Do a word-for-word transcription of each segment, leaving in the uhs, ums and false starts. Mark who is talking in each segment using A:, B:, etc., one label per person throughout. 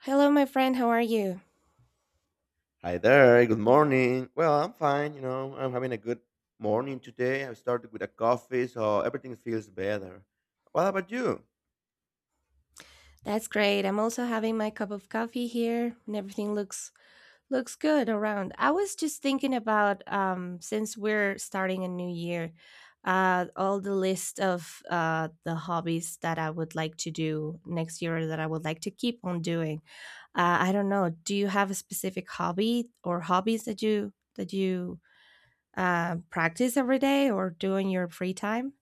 A: Hello, my friend. How are you?
B: Hi there, good morning. Well, I'm fine, you know, I'm having a good morning today. I started with a coffee, so everything feels better. What about you?
A: That's great. I'm also having my cup of coffee here, and everything looks looks good around. I was just thinking about um, since we're starting a new year, uh, all the list of uh, the hobbies that I would like to do next year or that I would like to keep on doing. Uh, I don't know. Do you have a specific hobby or hobbies that you that you uh, practice every day or do in your free time?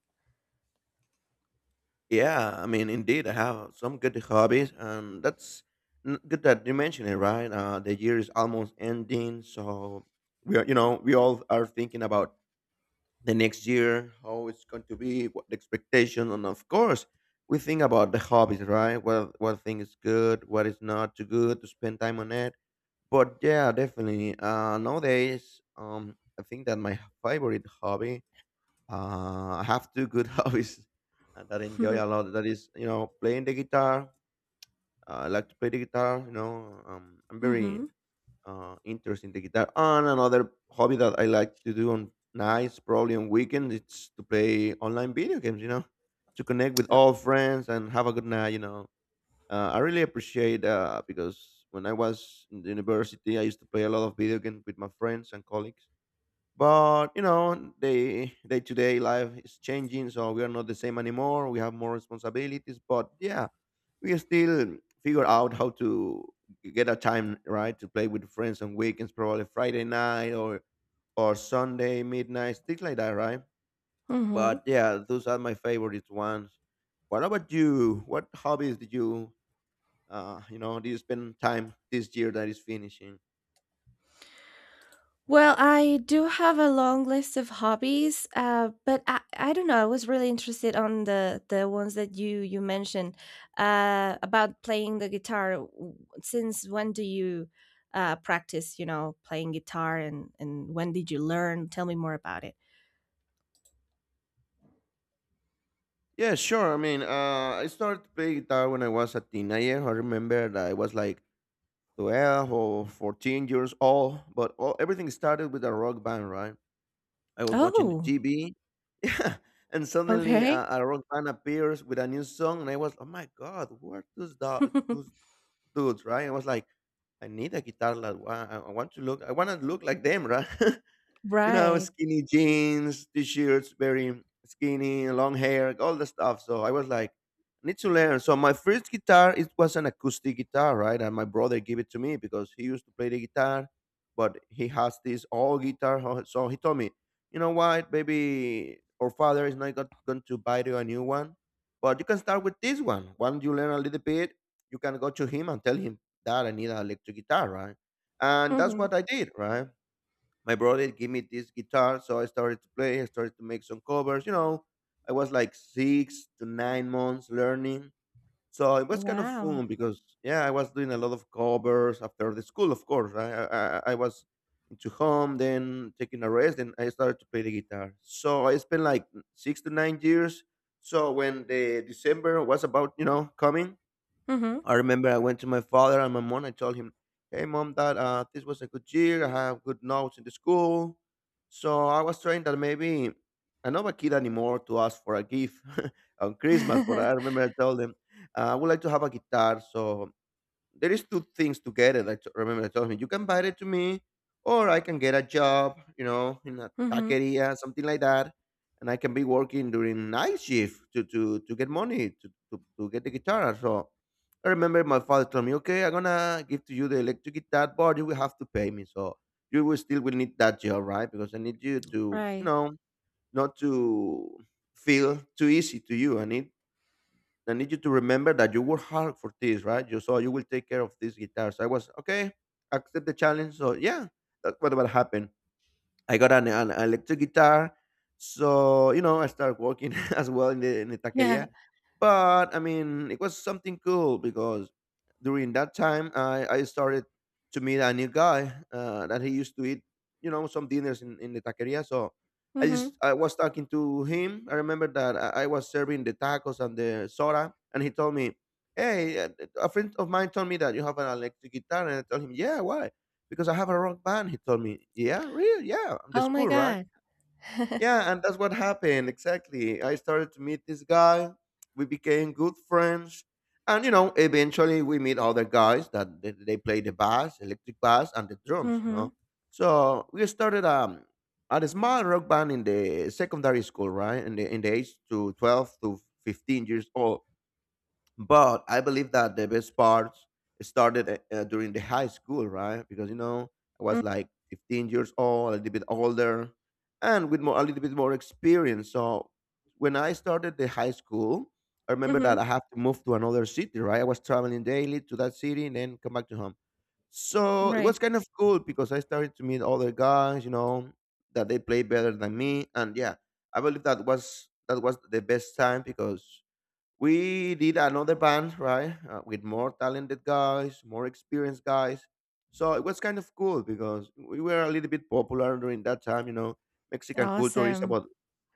B: Yeah, I mean, indeed, I have some good hobbies, and that's n- good that you mentioned it, right? Uh, the year is almost ending, so we are, you know, we all are thinking about the next year, how it's going to be, what the expectation, and of course, we think about the hobbies, right? What what thing is good, what is not too good to spend time on it. But yeah, definitely. Uh, nowadays, um, I think that my favorite hobby, uh, I have two good hobbies uh, that I enjoy a lot. That is, you know, playing the guitar. Uh, I like to play the guitar. You know, um, I'm very
A: mm-hmm.
B: uh, interested in the guitar. And another hobby that I like to do on nights, probably on weekends, it's to play online video games. You know, to connect with all friends and have a good night. You know, uh, I really appreciate uh, because when I was in the university, I used to play a lot of video games with my friends and colleagues. But you know, day day to day life is changing, so we are not the same anymore. We have more responsibilities, but yeah, we still figure out how to get a time right to play with friends on weekends, probably Friday night or or Sunday midnight, things like that, right?
A: Mm-hmm.
B: But yeah, those are my favorite ones. What about you? What hobbies did you uh, you know, this been time this year that is finishing.
A: Well, I do have a long list of hobbies, uh, but I, I don't know. I was really interested on the the ones that you you mentioned uh, about playing the guitar. W- Since when do you uh, practice? You know, playing guitar, and and when did you learn? Tell me more about it.
B: Yeah, sure. I mean, uh, I started playing guitar when I was a teenager. I remember that I was like twelve or fourteen years old, but all, everything started with a rock band, right? I was watching the
A: Oh,
B: T V. Yeah. And suddenly
A: okay,
B: uh, a rock band appears with a new song, and I was, oh my God, who are those, do- those dudes, right? I was like, I need a guitar like wa- I I want to look I want to look like them, right? You know,
A: right.
B: skinny jeans, t-shirts, very skinny, long hair, all the stuff. So I was like, I need to learn. So my first guitar, it was an acoustic guitar, right? And my brother gave it to me because he used to play the guitar, but he has this old guitar. ho- So he told me, you know what, baby, our father is not got- going to buy you a new one, but you can start with this one. Once you learn a little bit, you can go to him and tell him that I need an electric guitar, right? And that's
A: Hmm.
B: what I did, right? My brother gave me this guitar, so I started to play. I started to make some covers. You know, I was like six to nine months learning, so it was kind of
A: Wow.
B: fun because yeah, I was doing a lot of covers after the school, of course, right? i i, I I was into home then taking a rest and I started to play the guitar, so I spent like six to nine years. So when the December was about, you know, coming,
A: Hmm.
B: I remember I went to my father and my mom. I told him, "Hey, mom, dad, uh, this was a good year. I have good notes in the school, so I was trying that maybe I'm not a kid anymore to ask for a gift on Christmas." But I remember I told him uh, I would like to have a guitar. So there is two things together that remember that told me you can buy it to me, or I can get a job, you know, in a
A: Hmm.
B: taqueria, something like that. And I can be working during night shift to, to, to get money to, to, to get the guitar. So I remember my father told me, okay, I'm gonna give to you the electric guitar, but you will have to pay me. So you will still will need that job, right? Because I need you to, you
A: Right.
B: know, not to feel too easy to you. I need I need you to remember that you work hard for this, right? You so you will take care of these guitars. I was okay, accept the challenge. So yeah, that's what what happened. I got an, an electric guitar, so you know, I started working as well in the in the
A: Yeah.
B: taqueria. But I mean, it was something cool because during that time I, I started to meet a new guy uh, that he used to eat, you know, some dinners in, in the taqueria. So I just
A: Mhm.
B: I was talking to him. I remember that I, I was serving the tacos and the soda, and he told me, "Hey, a a friend of mine told me that you have an electric guitar," and I told him, "Yeah, why? Because I have a rock band." He told me, "Yeah, really?" "Yeah, I'm the
A: Oh my
B: school, right?"
A: god.
B: Yeah, and that's what happened. Exactly. I started to meet this guy. We became good friends. And, you know, eventually we meet other guys that they, they play the bass, electric bass, and the drums, you
A: Mhm.
B: know. So we started um, at a small rock band in the secondary school, right? In the, in the age to twelve to fifteen years old, but I believe that the best parts started uh, uh, during the high school, right? Because you know, I
A: Mm,
B: was like fifteen years old, a little bit older, and with more a little bit more experience. So when I started the high school, I remember that
A: mhm.
B: I have to move to another city, right? I was traveling daily to that city and then come back to home. So it
A: Right.
B: was kind of cool because I started to meet other guys, you know, that they play better than me, and yeah, I believe that was that was the best time because we did another band, right, uh, with more talented guys, more experienced guys. So it was kind of cool because we were a little bit popular during that time. You know, Mexican culture is
A: Awesome.
B: about,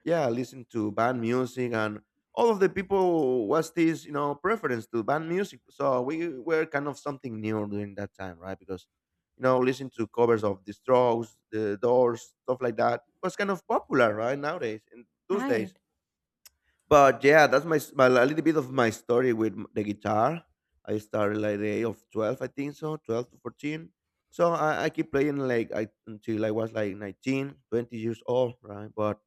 B: yeah, listen to band music, and all of the people was this, you know, preference to band music. So we were kind of something new during that time, right? Because you know, listen to covers of the Strokes, the Doors, stuff like that was kind of popular, right? Nowadays, in those
A: Right.
B: days, but yeah, that's my, s- my a little bit of my story with m- the guitar. I started like the age of twelve, I think so, twelve to fourteen. So I, I keep playing like I until I was like nineteen, twenty years old, right? But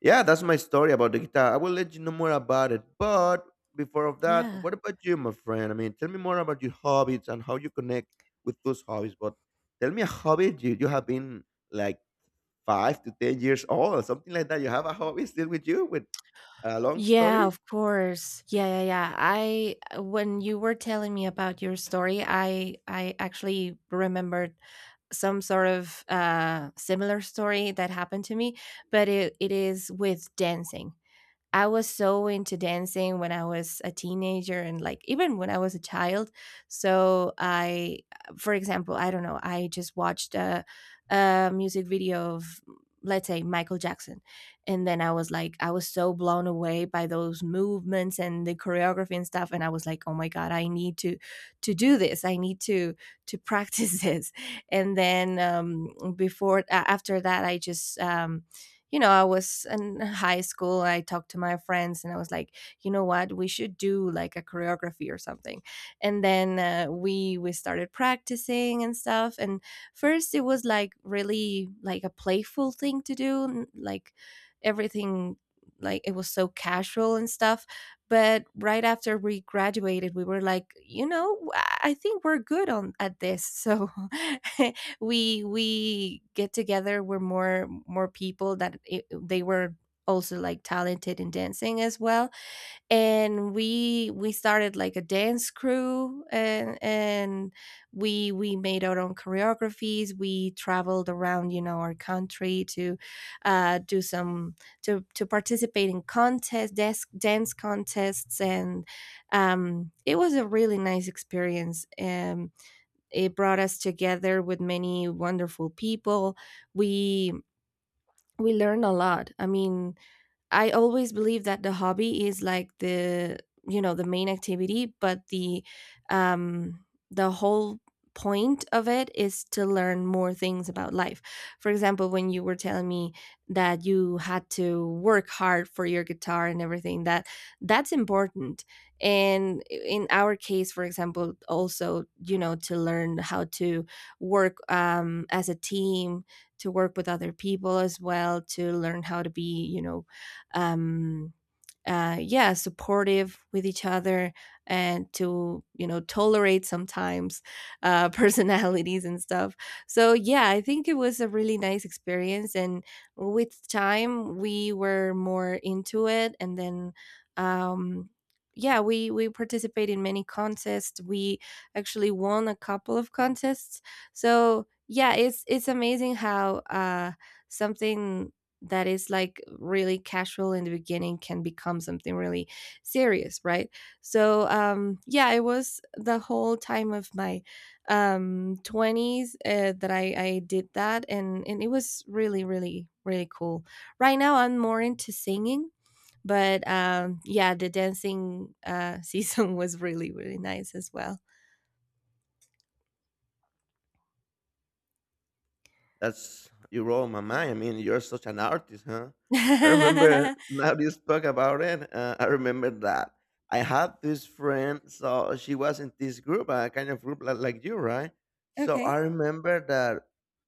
B: yeah, that's my story about the guitar. I will let you know more about it. But before of that,
A: Yeah.
B: what about you, my friend? I mean, tell me more about your hobbies and how you connect with those hobbies. But tell me a hobby you, you have been like five to ten years old, or something like that. You have a hobby still with you with a long
A: Yeah,
B: story?
A: of course. Yeah, yeah, yeah. I uh, when you were telling me about your story, I I actually remembered some sort of uh similar story that happened to me, but it, it is with dancing. I was so into dancing when I was a teenager, and like even when I was a child. So I, uh, for example, I don't know, I just watched a, a music video of, let's say, Michael Jackson. And then I was like, I was so blown away by those movements and the choreography and stuff. And I was like, oh my God, I need to, to do this. I need to, to practice this. And then um, before, a- after that, I just, um, you know, I was in high school. I talked to my friends, and I was like, you know what, we should do like a choreography or something. And then uh, we we started practicing and stuff. And first, it was like really like a playful thing to do, n- like everything, like it was so casual and stuff, but right after we graduated, we were like, you know, I I think we're good on at this, so we we get together, we're more more people that it, they were also like talented in dancing as well, and we we started like a dance crew, and and we we made our own choreographies. We traveled around, you know, our country to uh do some to to participate in contests, desk dance contests, and um it was a really nice experience, and it brought us together with many wonderful people. We we learned a lot. I mean, I always believe that the hobby is like the, you know, the main activity, but the um, the whole point of it is to learn more things about life. For example, when you were telling me that you had to work hard for your guitar and everything, that that's important. And in our case, for example, also, you know, to learn how to work um, as a team, to work with other people as well, to learn how to be, you know, um, uh, yeah, supportive with each other, and to, you know, tolerate sometimes uh, personalities and stuff. So, yeah, I think it was a really nice experience. And with time, we were more into it. And then, um, yeah, we, we participate in many contests. We actually won a couple of contests. So, yeah, it's it's amazing how uh, something that is like really casual in the beginning can become something really serious, right? So um yeah, it was the whole time of my um twenties, uh, that i i did that, and and it was really, really, really cool. Right now I'm more into singing, but um yeah, the dancing uh season was really, really nice as well.
B: That's you roll my mind. I mean, you're such an artist, huh? I remember now that you spoke about it. Uh, I remember that I had this friend, so she was in this group, a kind of group like, like you, right? So
A: Okay,
B: I remember that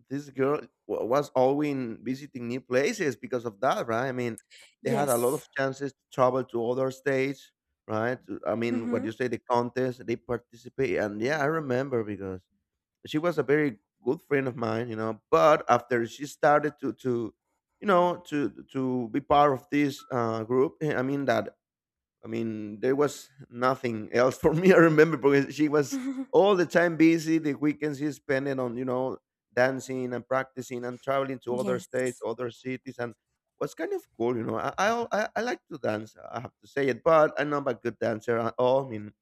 B: this girl wa- was always visiting new places because of that, right? I mean, they had a lot
A: yes.
B: of chances to travel to other states, right? To- I mean, what
A: Hmm.
B: you say, the contest they participate, and yeah, I remember because she was a very good friend of mine. You know, but after she started to to you know, to to be part of this uh group, eh, I mean that, I mean, there was nothing else for me. I remember because she was all the time busy. The weekends she spent it on, you know, dancing and practicing and traveling to other states,
A: Yes.
B: other cities. And was kind of cool. You know, i i, I I like to dance. I have to say it, but I'm not a good dancer at all. I mean,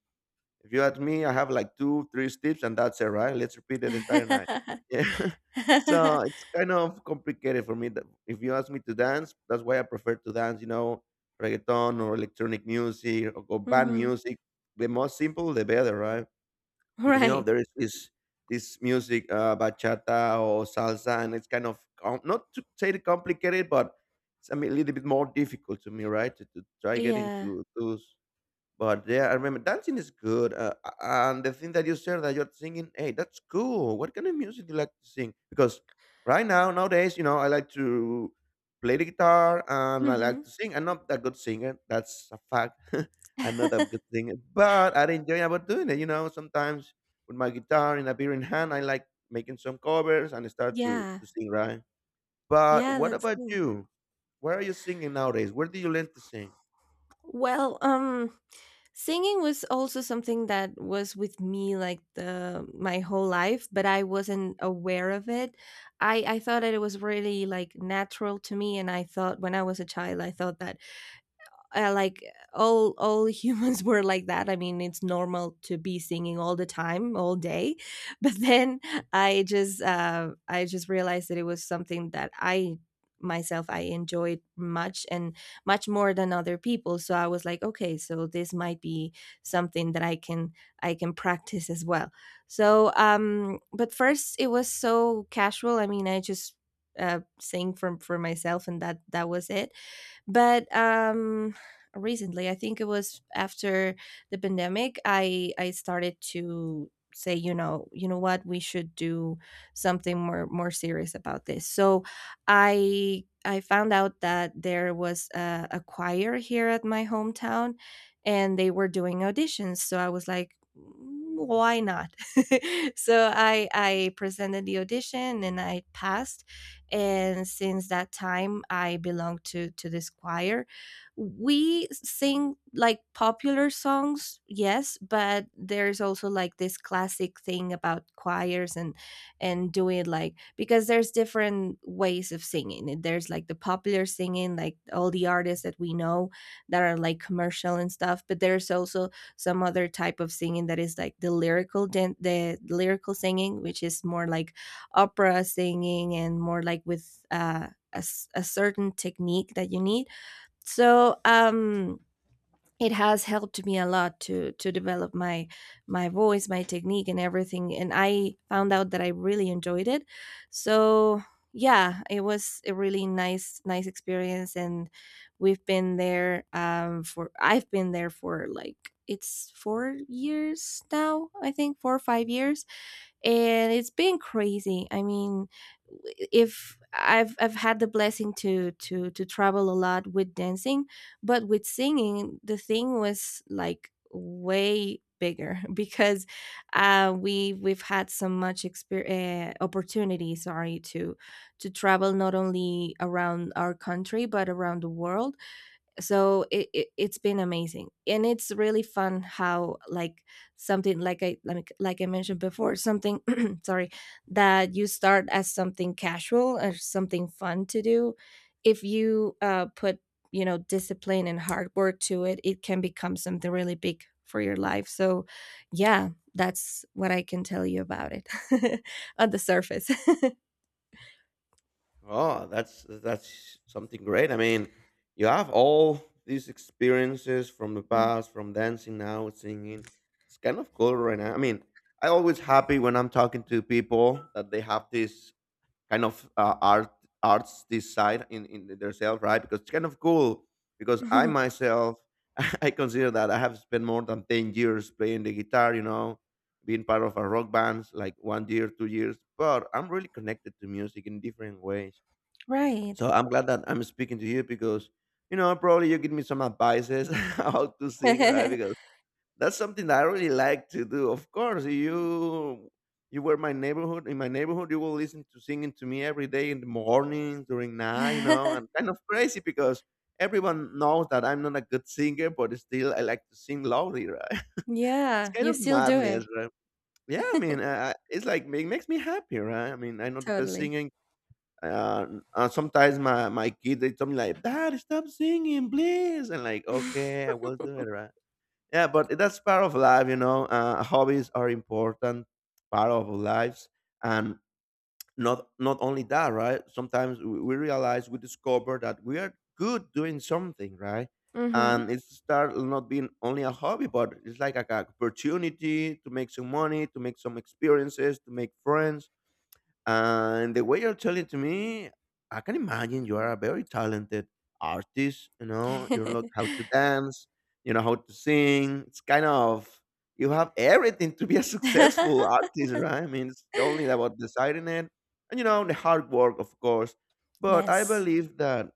B: if you ask me, I have like two, three steps, and that's it, right? Let's repeat the entire night. Yeah. So it's kind of complicated for me. that- If you ask me to dance, that's why I prefer to dance, you know, reggaeton or electronic music, or, or band
A: Mhm.
B: music. The more simple, the better, right? Because, you know,
A: Right.
B: there is this, this music, uh, bachata or salsa, and it's kind of, com- not to say it complicated, but it's, I mean, a little bit more difficult to me, right? To, to try get
A: Yeah.
B: into those. But yeah, I remember dancing is good. Uh, a- and the thing that you said that you're singing, hey, that's cool. What kind of music do you like to sing? Because right now, nowadays, you know, I like to play the guitar and I like
A: Mhm.
B: to sing. I'm not that good singer. That's a fact. I'm not that good singer, but I enjoy about doing it. You know, sometimes with my guitar in a beer in hand, I like making some covers and start to,
A: Yeah.
B: to sing, right? But
A: Yeah,
B: what
A: that's
B: about
A: cool.
B: you? Where are you singing nowadays? Where do you learn to sing?
A: Well, um, singing was also something that was with me like the my whole life, but I wasn't aware of it. I I thought that it was really like natural to me, and I thought when I was a child, I thought that uh, like all all humans were like that. I mean, it's normal to be singing all the time, all day. But then i just uh, I just realized that it was something that I myself I enjoyed much, and much more than other people. So I was like, okay, so this might be something that i can I can practice as well. So um but first it was so casual. I mean, i just uh, sing for for myself, and that that was it. But um recently, I think it was after the pandemic, i i started to say, you know, you know what, we should do something more more serious about this. So i i found out that there was a, a choir here at my hometown, and they were doing auditions. So I was like, "Mm, why not?" So i i presented the audition, and I passed, and since that time I belong to to this choir. We sing like popular songs, yes, but there's also like this classic thing about choirs and and doing like, because there's different ways of singing. And there's like the popular singing, like all the artists that we know that are like commercial and stuff, but there's also some other type of singing that is like the lyrical dan- the lyrical singing, which is more like opera singing, and more like with uh, a, s- a certain technique that you need. So um, it has helped me a lot to to develop my my voice, my technique, and everything. And I found out that I really enjoyed it. So yeah, it was a really nice nice experience, and we've been there um, for I've been there for like it's four years now, I think four or five years, and it's been crazy. I mean, if I've I've had the blessing to to to travel a lot with dancing, but with singing the thing was like way bigger because uh we we've had so much experience uh, opportunity, sorry, to to travel not only around our country, but around the world. So it, it it's been amazing, and it's really fun how like something like i like, like I mentioned before, something sorry, that you start as something casual or something fun to do, if you uh, put, you know, discipline and hard work to it, it can become something really big for your life. So yeah, that's what I can tell you about it. On the surface.
B: Oh, that's that's something great. I mean, you have all these experiences from the
A: Mm.
B: past, from dancing now, singing. It's kind of cool right now. I mean, I always happy when I'm talking to people that they have this kind of uh, art arts this side in in themselves, right? Because it's kind of cool. Because I myself, I consider that I have spent more than ten years playing the guitar. You know, being part of a rock band, like one year, two years. But I'm really connected to music in different ways,
A: Right.
B: so I'm glad that I'm speaking to you because, you know, probably you give me some advices how to sing, right? Because that's something that I really like to do. Of course, you you were my neighborhood. In my neighborhood, you will listen to singing to me every day in the morning, during night, you know, and kind of crazy because everyone knows that I'm not a good singer, but still I like to sing loudly, right? It's
A: Yeah,
B: kind
A: you
B: of
A: still do it.
B: madness, right? Yeah, I mean, uh, it's like it makes me happy, right? I mean, I'm not the best
A: Totally.
B: singer. uh, uh, Sometimes my my kid they tell me like, "Dad, stop singing, please," and like, "Okay, I will do it." Right? Yeah, but that's part of life, you know. Uh, hobbies are important part of our lives, and not not only that, right? Sometimes we, we realize we discover that we are good doing something, right?
A: Mm-hmm.
B: And it start not being only a hobby, but it's like a, a opportunity to make some money, to make some experiences, to make friends, and the way you're telling to me, I can imagine you are a very talented artist. You know, you know how to dance, you know how to sing. It's kind of you have everything to be a successful artist, right? I mean, it's only about deciding it, and you know the hard work, of course. But I
A: Yes.
B: believe that,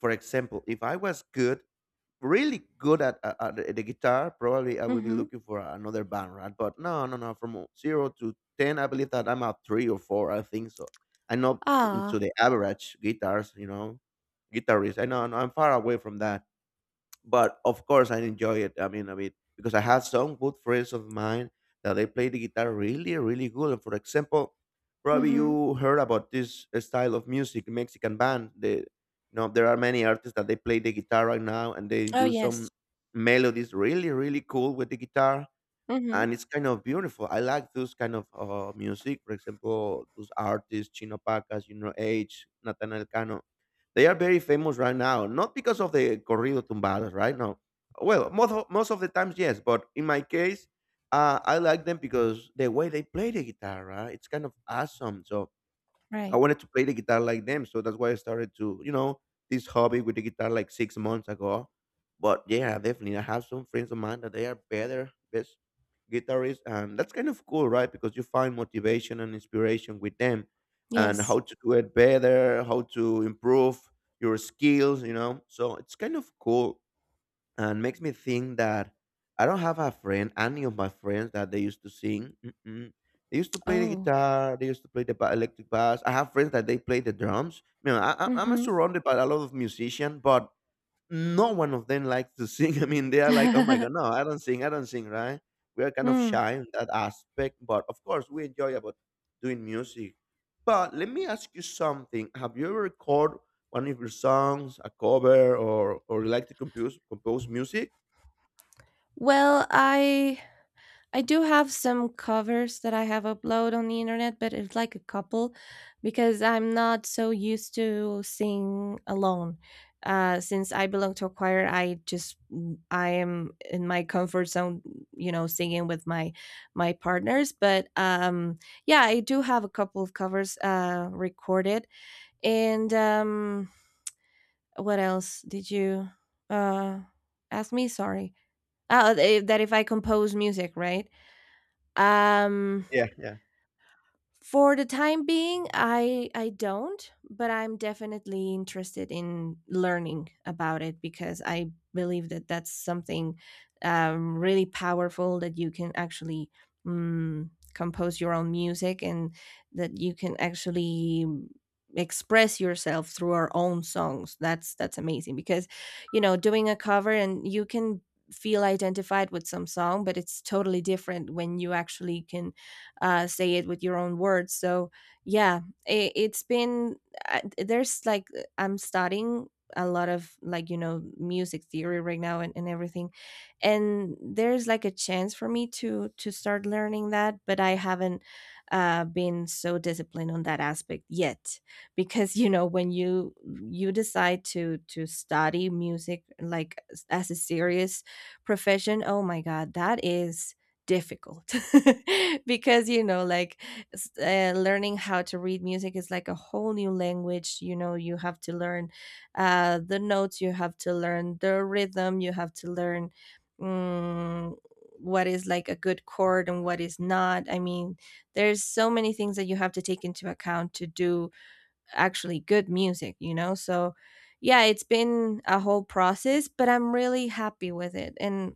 B: for example, if I was good really good at, at, at the guitar, probably I will be
A: Mm-hmm.
B: looking for another band, right? But no, no, no. From zero to ten, I believe that I'm at three or four. I think so. I'm not
A: Ah.
B: into the average guitars, you know, guitarist. I know, no, I'm far away from that, but of course I enjoy it. I mean, I mean, because I have some good friends of mine that they play the guitar really, really good. And for example, probably
A: Mm-hmm.
B: you heard about this style of music, Mexican band. They, you know, there are many artists that they play the guitar right now, and they
A: Oh,
B: do
A: yes.
B: some melodies really, really cool with the guitar,
A: Mm-hmm.
B: and it's kind of beautiful. I like those kind of uh, music. For example, those artists, Chino Pacas, you know, H, Nathaniel Cano. They are very famous right now, not because of the corrido tumbadas, right? No. Well, most of, most of the times, yes. But in my case, uh, I like them because the way they play the guitar, right? It's kind of awesome. So I
A: Right.
B: wanted to play the guitar like them, so that's why I started to, you know, this hobby with the guitar like six months ago. But yeah, definitely, I have some friends of mine that they are better, best guitarists, and that's kind of cool, right? Because you find motivation and inspiration with them, and how
A: Yes.
B: to do it better, how to improve your skills, you know. So it's kind of cool and makes me think that I don't have a friend, any of my friends that they used to sing. Mm-mm. They used to play the
A: Oh.
B: guitar. They used to play the ba- electric bass. I have friends that they play the drums. You know, I, I- I'm
A: Mm-hmm.
B: surrounded by a lot of musicians, but no one of them likes to sing. I mean, they are like, oh my God, no, I don't sing, I don't sing, right? We are kind of
A: Mm.
B: shy in that aspect, but of course, we enjoy about doing music. But let me ask you something: Have you ever recorded one of your songs, a cover, or or you like to compose compose music?
A: Well, I I do have some covers that I have upload on the internet, but it's like a couple, because I'm not so used to sing alone. Uh, since I belong to a choir, I just I am in my comfort zone, you know, singing with my my partners. But um, yeah, I do have a couple of covers uh, recorded. And um, what else did you uh, ask me? Sorry. Oh, th- that if I compose music, right? Um,
B: Yeah.
A: For the time being, I I don't, but I'm definitely interested in learning about it, because I believe that that's something um, really powerful, that you can actually, mm, compose your own music, and that you can actually express yourself through our own songs. That's that's amazing, because you know, doing a cover, and you can feel identified with some song, but it's totally different when you actually can uh, say it with your own words. So yeah, it, it's been uh, there's like uh, I'm studying a lot of, like, you know, music theory right now, and, and everything. And there's like a chance for me to to start learning that, but I haven't uh been so disciplined on that aspect yet because you know, when you you decide to to study music like as as a serious profession, oh my God, that is difficult. Because, you know, like s- uh, learning how to read music is like a whole new language. You know, you have to learn uh, the notes, you have to learn the rhythm, you have to learn mm, what is like a good chord and what is not. I mean, there's so many things that you have to take into account to do actually good music, you know. So yeah, it's been a whole process, but I'm really happy with it. And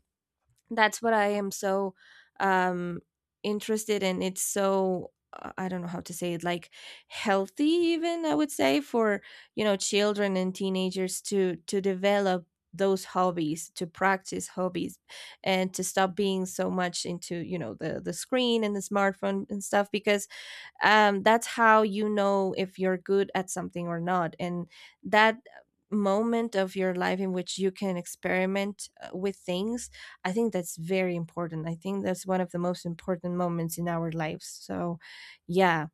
A: that's what I am so um interested in. It's so, uh, I don't know how to say it, like healthy, even, I would say, for, you know, children and teenagers to to develop those hobbies, to practice hobbies, and to stop being so much into, you know, the the screen and the smartphone and stuff. Because um, that's how you know if you're good at something or not. And that moment of your life in which you can experiment uh, with things, I think that's very important. I think that's one of the most important moments in our lives. So yeah.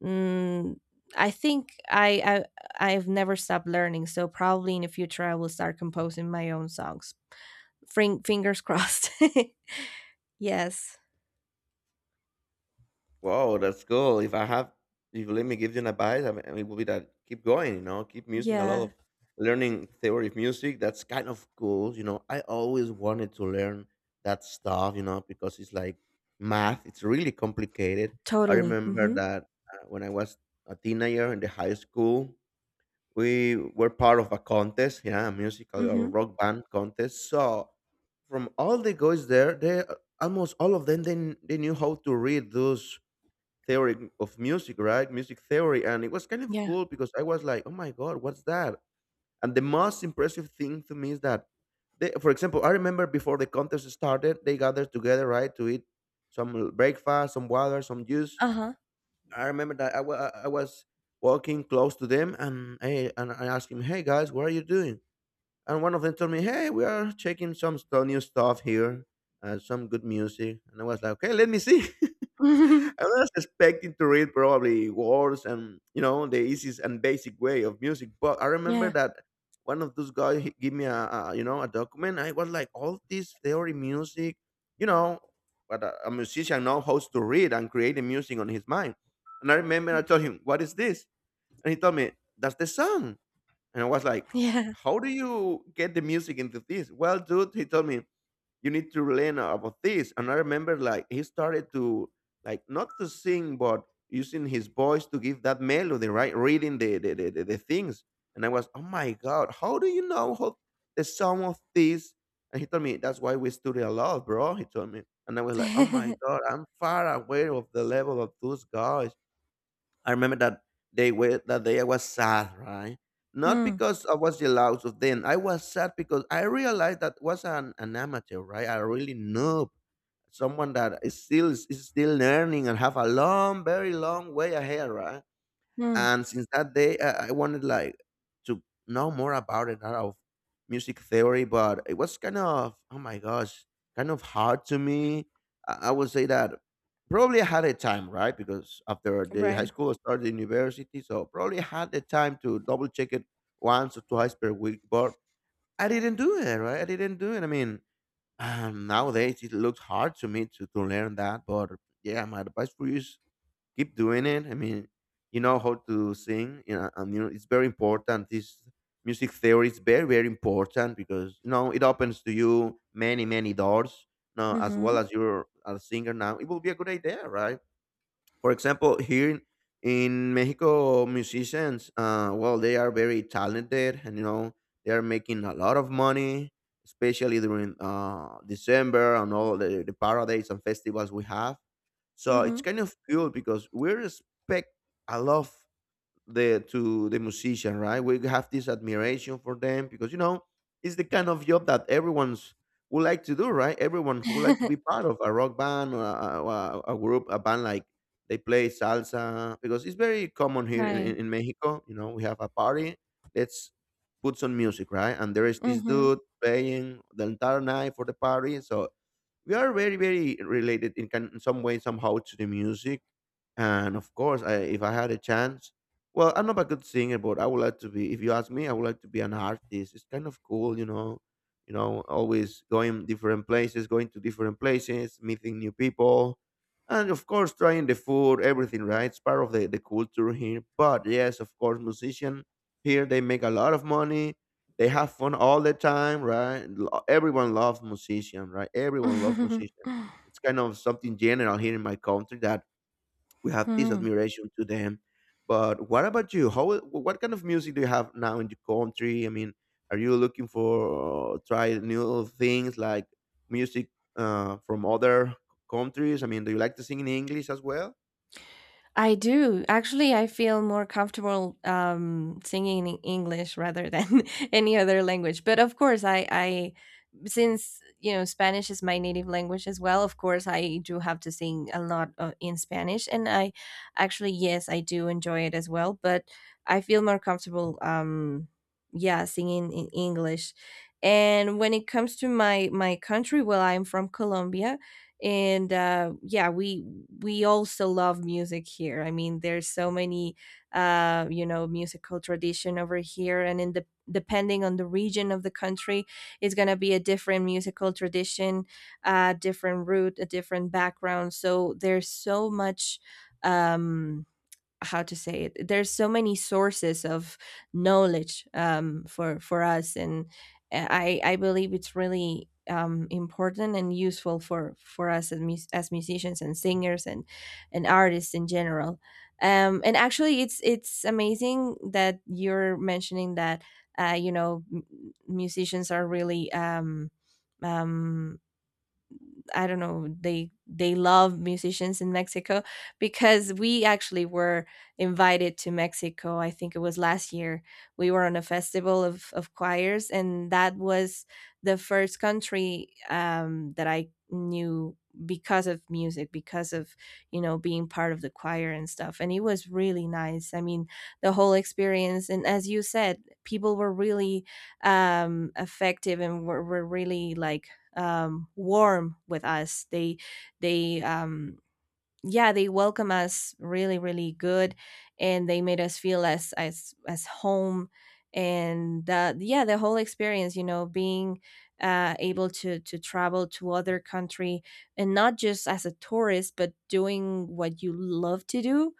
A: mm, I think I, I I've never stopped learning, so probably in the future I will start composing my own songs. Fring- fingers crossed. Yes.
B: Wow, that's cool. If I have, if you let me give you an advice, I mean, it would be that keep going, you know, keep using a lot
A: Yeah,
B: of learning theory of music. That's kind of cool. You know, I always wanted to learn that stuff, you know, because it's like math, it's really complicated. I
A: totally.
B: remember
A: Mm-hmm.
B: that uh, when I was a teenager in the high school, we were part of a contest, yeah, a musical or
A: Mm-hmm.
B: rock band contest. So from all the guys there, they uh, almost all of them, they, kn- they knew how to read those theory of music, right? Music theory. And it was kind of
A: Yeah.
B: cool because I was like, oh my God, what's that? And the most impressive thing to me is that, they, for example, I remember before the contest started, they gathered together, right, to eat some breakfast, some water, some juice.
A: Uh-huh.
B: I remember that I wa- I was walking close to them, and, I, and I asked him, hey guys, what are you doing? And one of them told me, "Hey, we are checking some stu- new stuff here, uh, some good music." And I was like, "Okay, let me see." I was expecting to read probably words and you know the easiest and basic way of music, but I remember
A: Yeah,
B: that one of those guys he gave me a, a you know a document. I was like, all this theory music, you know, but a, a musician knows how to read and create the music on his mind. And I remember I told him, "What is this?" And he told me, "That's the song." And I was like,
A: yeah.
B: how do you get the music into this? Well, dude, he told me, you need to learn about this. And I remember like he started to like not to sing, but using his voice to give that melody, right? Reading the the, the, the, the things. And I was, oh my God, how do you know how the song of this? And he told me, that's why we study a lot, bro. He told me. And I was like, oh my God, I'm far away of the level of those guys. I remember that day wa- that day I was sad, right? Not
A: Mm.
B: because I was jealous of them. I was sad because I realized that was an, an amateur, right? A really noob, someone that is still is still learning and have a long, very long way ahead, right?
A: Mm.
B: And since that day, I, I wanted like to know more about it, out of music theory, but it was kind of oh my gosh, kind of hard to me. I, I would say that probably I had a time, right? Because after the high
A: Right.
B: school, I started university, so probably I had the time to double check it once or twice per week, but I didn't do it, right? I didn't do it. I mean, um, nowadays it looks hard to me to, to learn that, but yeah, my advice for you is keep doing it. I mean, you know how to sing, you know, and you know, it's very important. This music theory is very, very important because you know it opens to you many, many doors. Now, as well
A: Mhm,
B: as you're a singer now, it will be a good idea, right? For example, here in Mexico, musicians, uh, well, they are very talented, and you know they are making a lot of money, especially during uh, December and all the, the parades and festivals we have. So
A: mhm.
B: it's kind of cool because we respect a lot the to the musician, right? We have this admiration for them because you know it's the kind of job that everyone's would like to do, right? Everyone would like to be part of a rock band or a, or a, a group, a band like they play salsa because it's very common here in,
A: Right.
B: in, in Mexico. You know, we have a party, let's put some music, right? And there is this
A: Mhm.
B: dude playing the entire night for the party, so we are very very related in, can, in some way somehow to the music and of course, I, if I had a chance, well, I'm not a good singer, but I would like to be. If you ask me, I would like to be an artist. It's kind of cool, you know. You know, always going different places, going to different places, meeting new people, and of course, trying the food, everything. Right, it's part of the the culture here. But yes, of course, musician here they make a lot of money. They have fun all the time, right? Lo- Everyone loves musician, right? Everyone loves musician. It's kind of something general here in my country that we have this admiration to them. But what about you? How what kind of music do you have now in the country? I mean, are you looking for uh, try new things like music uh, from other countries? I mean, do you like to sing in English as well?
A: I do. Actually, I feel more comfortable um, singing in English rather than any other language. But of course, I, I, since, you know, Spanish is my native language as well, of course I do have to sing a lot uh, in Spanish. And I actually, yes, I do enjoy it as well. But I feel more comfortable, um, yeah, singing in English. And when it comes to my my country, well, I'm from Colombia. And uh, yeah, we we also love music here. I mean, there's so many uh, you know, musical tradition over here, and in the, depending on the region of the country, it's going to be a different musical tradition, a different root, a different background. So there's so much, um how to say it, there's so many sources of knowledge, um, for for us. And eh, i i believe it's really um, important and useful for for us as, mus- as musicians and singers and and artists in general. Um, and actually, it's it's amazing that you're mentioning that uh, you know, m- musicians are really um, um, I don't know, they they love musicians in Mexico because we actually were invited to Mexico. I think it was last year. We were on a festival of of choirs, and that was the first country um, that I knew because of music, because of, you know, being part of the choir and stuff. And it was really nice. I mean, the whole experience, and as you said, people were really um, effective and were, were really like um, warm with us. They they um, Yeah, they welcome us really really good, and they made us feel as as as home. And uh, yeah, the whole experience, you know, being uh, able to to travel to other country, and not just as a tourist, but doing what you love to do,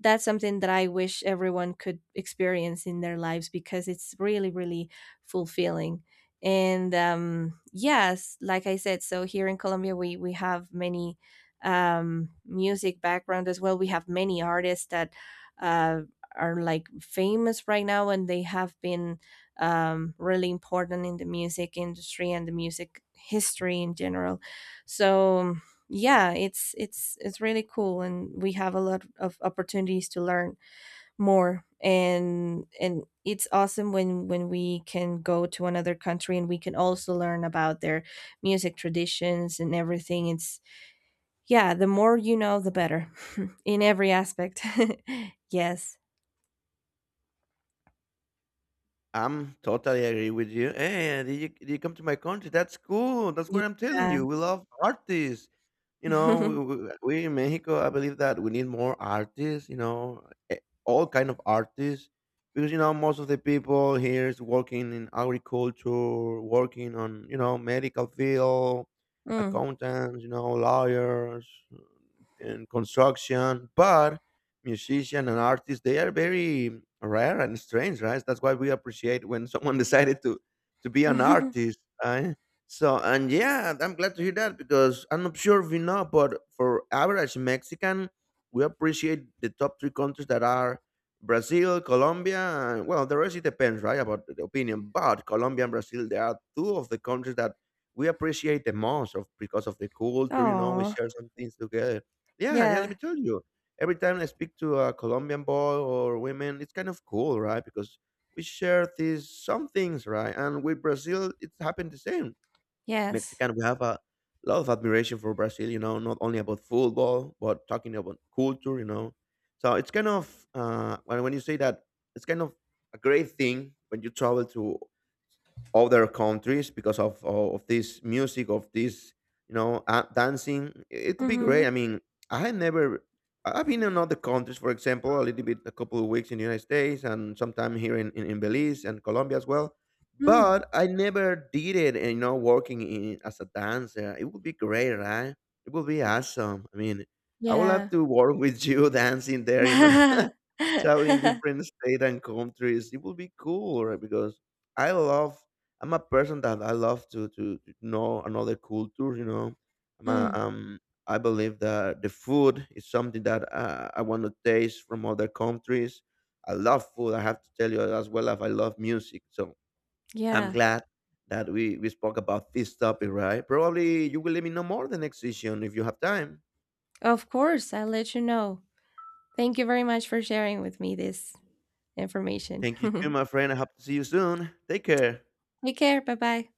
A: that's something that I wish everyone could experience in their lives, because it's really, really fulfilling. And um, yes, like I said, so here in Colombia, we we have many um, music background as well. We have many artists that uh, are like famous right now, and they have been um, really important in the music industry and the music history in general. So yeah, it's it's it's really cool, and we have a lot of opportunities to learn more. and and it's awesome when when we can go to another country and we can also learn about their music traditions and everything. It's, yeah, the more you know, the better. In every aspect. Yes.
B: I'm totally agree with you. Hey, did you did you come to my country? That's cool. That's what I'm telling
A: Yeah.
B: you. We love artists. You know, we, we we in Mexico, I believe that we need more artists. You know, eh, all kind of artists, because you know most of the people here is working in agriculture, working on you know medical field,
A: Mm.
B: accountants, you know lawyers in construction, but musician and artists they are very rare and strange, right? That's why we appreciate when someone decided to to be an artist, right? So and yeah, I'm glad to hear that because I'm not sure if you know, but for average Mexican, we appreciate the top three countries that are Brazil, Colombia, and well, the rest it depends, right, about the opinion. But Colombia and Brazil, they are two of the countries that we appreciate the most of because of the culture. You know, we
A: Oh.
B: share some things together. Yeah, yeah. Let
A: Yeah.
B: me tell you. Every time I speak to a Colombian boy or women, it's kind of cool, right? Because we share these some things, right? And with Brazil, it's happened the same,
A: Yes.
B: Mexican, we have a lot of admiration for Brazil, you know, not only about football, but talking about culture, you know. So it's kind of, uh, when, when you say that, it's kind of a great thing when you travel to other countries because of, of, of this music, of this, you know, uh, dancing. It could be
A: Mm-hmm.
B: great. I mean, I had never, I- I've been in other countries, for example, a little bit, a couple of weeks in the United States and sometime here in, in, in Belize and Colombia as well
A: Mm.
B: but I never did it, and you know, working in as a dancer, it would be great, right? It would be awesome. I mean, I would love
A: Yeah.
B: to work with you dancing there, you know, traveling different states and countries. It would be cool, right? Because I love. I'm a person that I love to to, to know another culture. You know, I'm a,
A: Mm.
B: um. I believe that the food is something that uh, I want to taste from other countries. I love food. I have to tell you as well as I love music. So I'm
A: Yeah.
B: glad that we, we spoke about this topic, right? Probably you will let me know more the next session if you have time.
A: Of course, I'll let you know. Thank you very much for sharing with me this information.
B: Thank you too, my friend. I hope to see you soon. Take care.
A: Take care. Bye bye.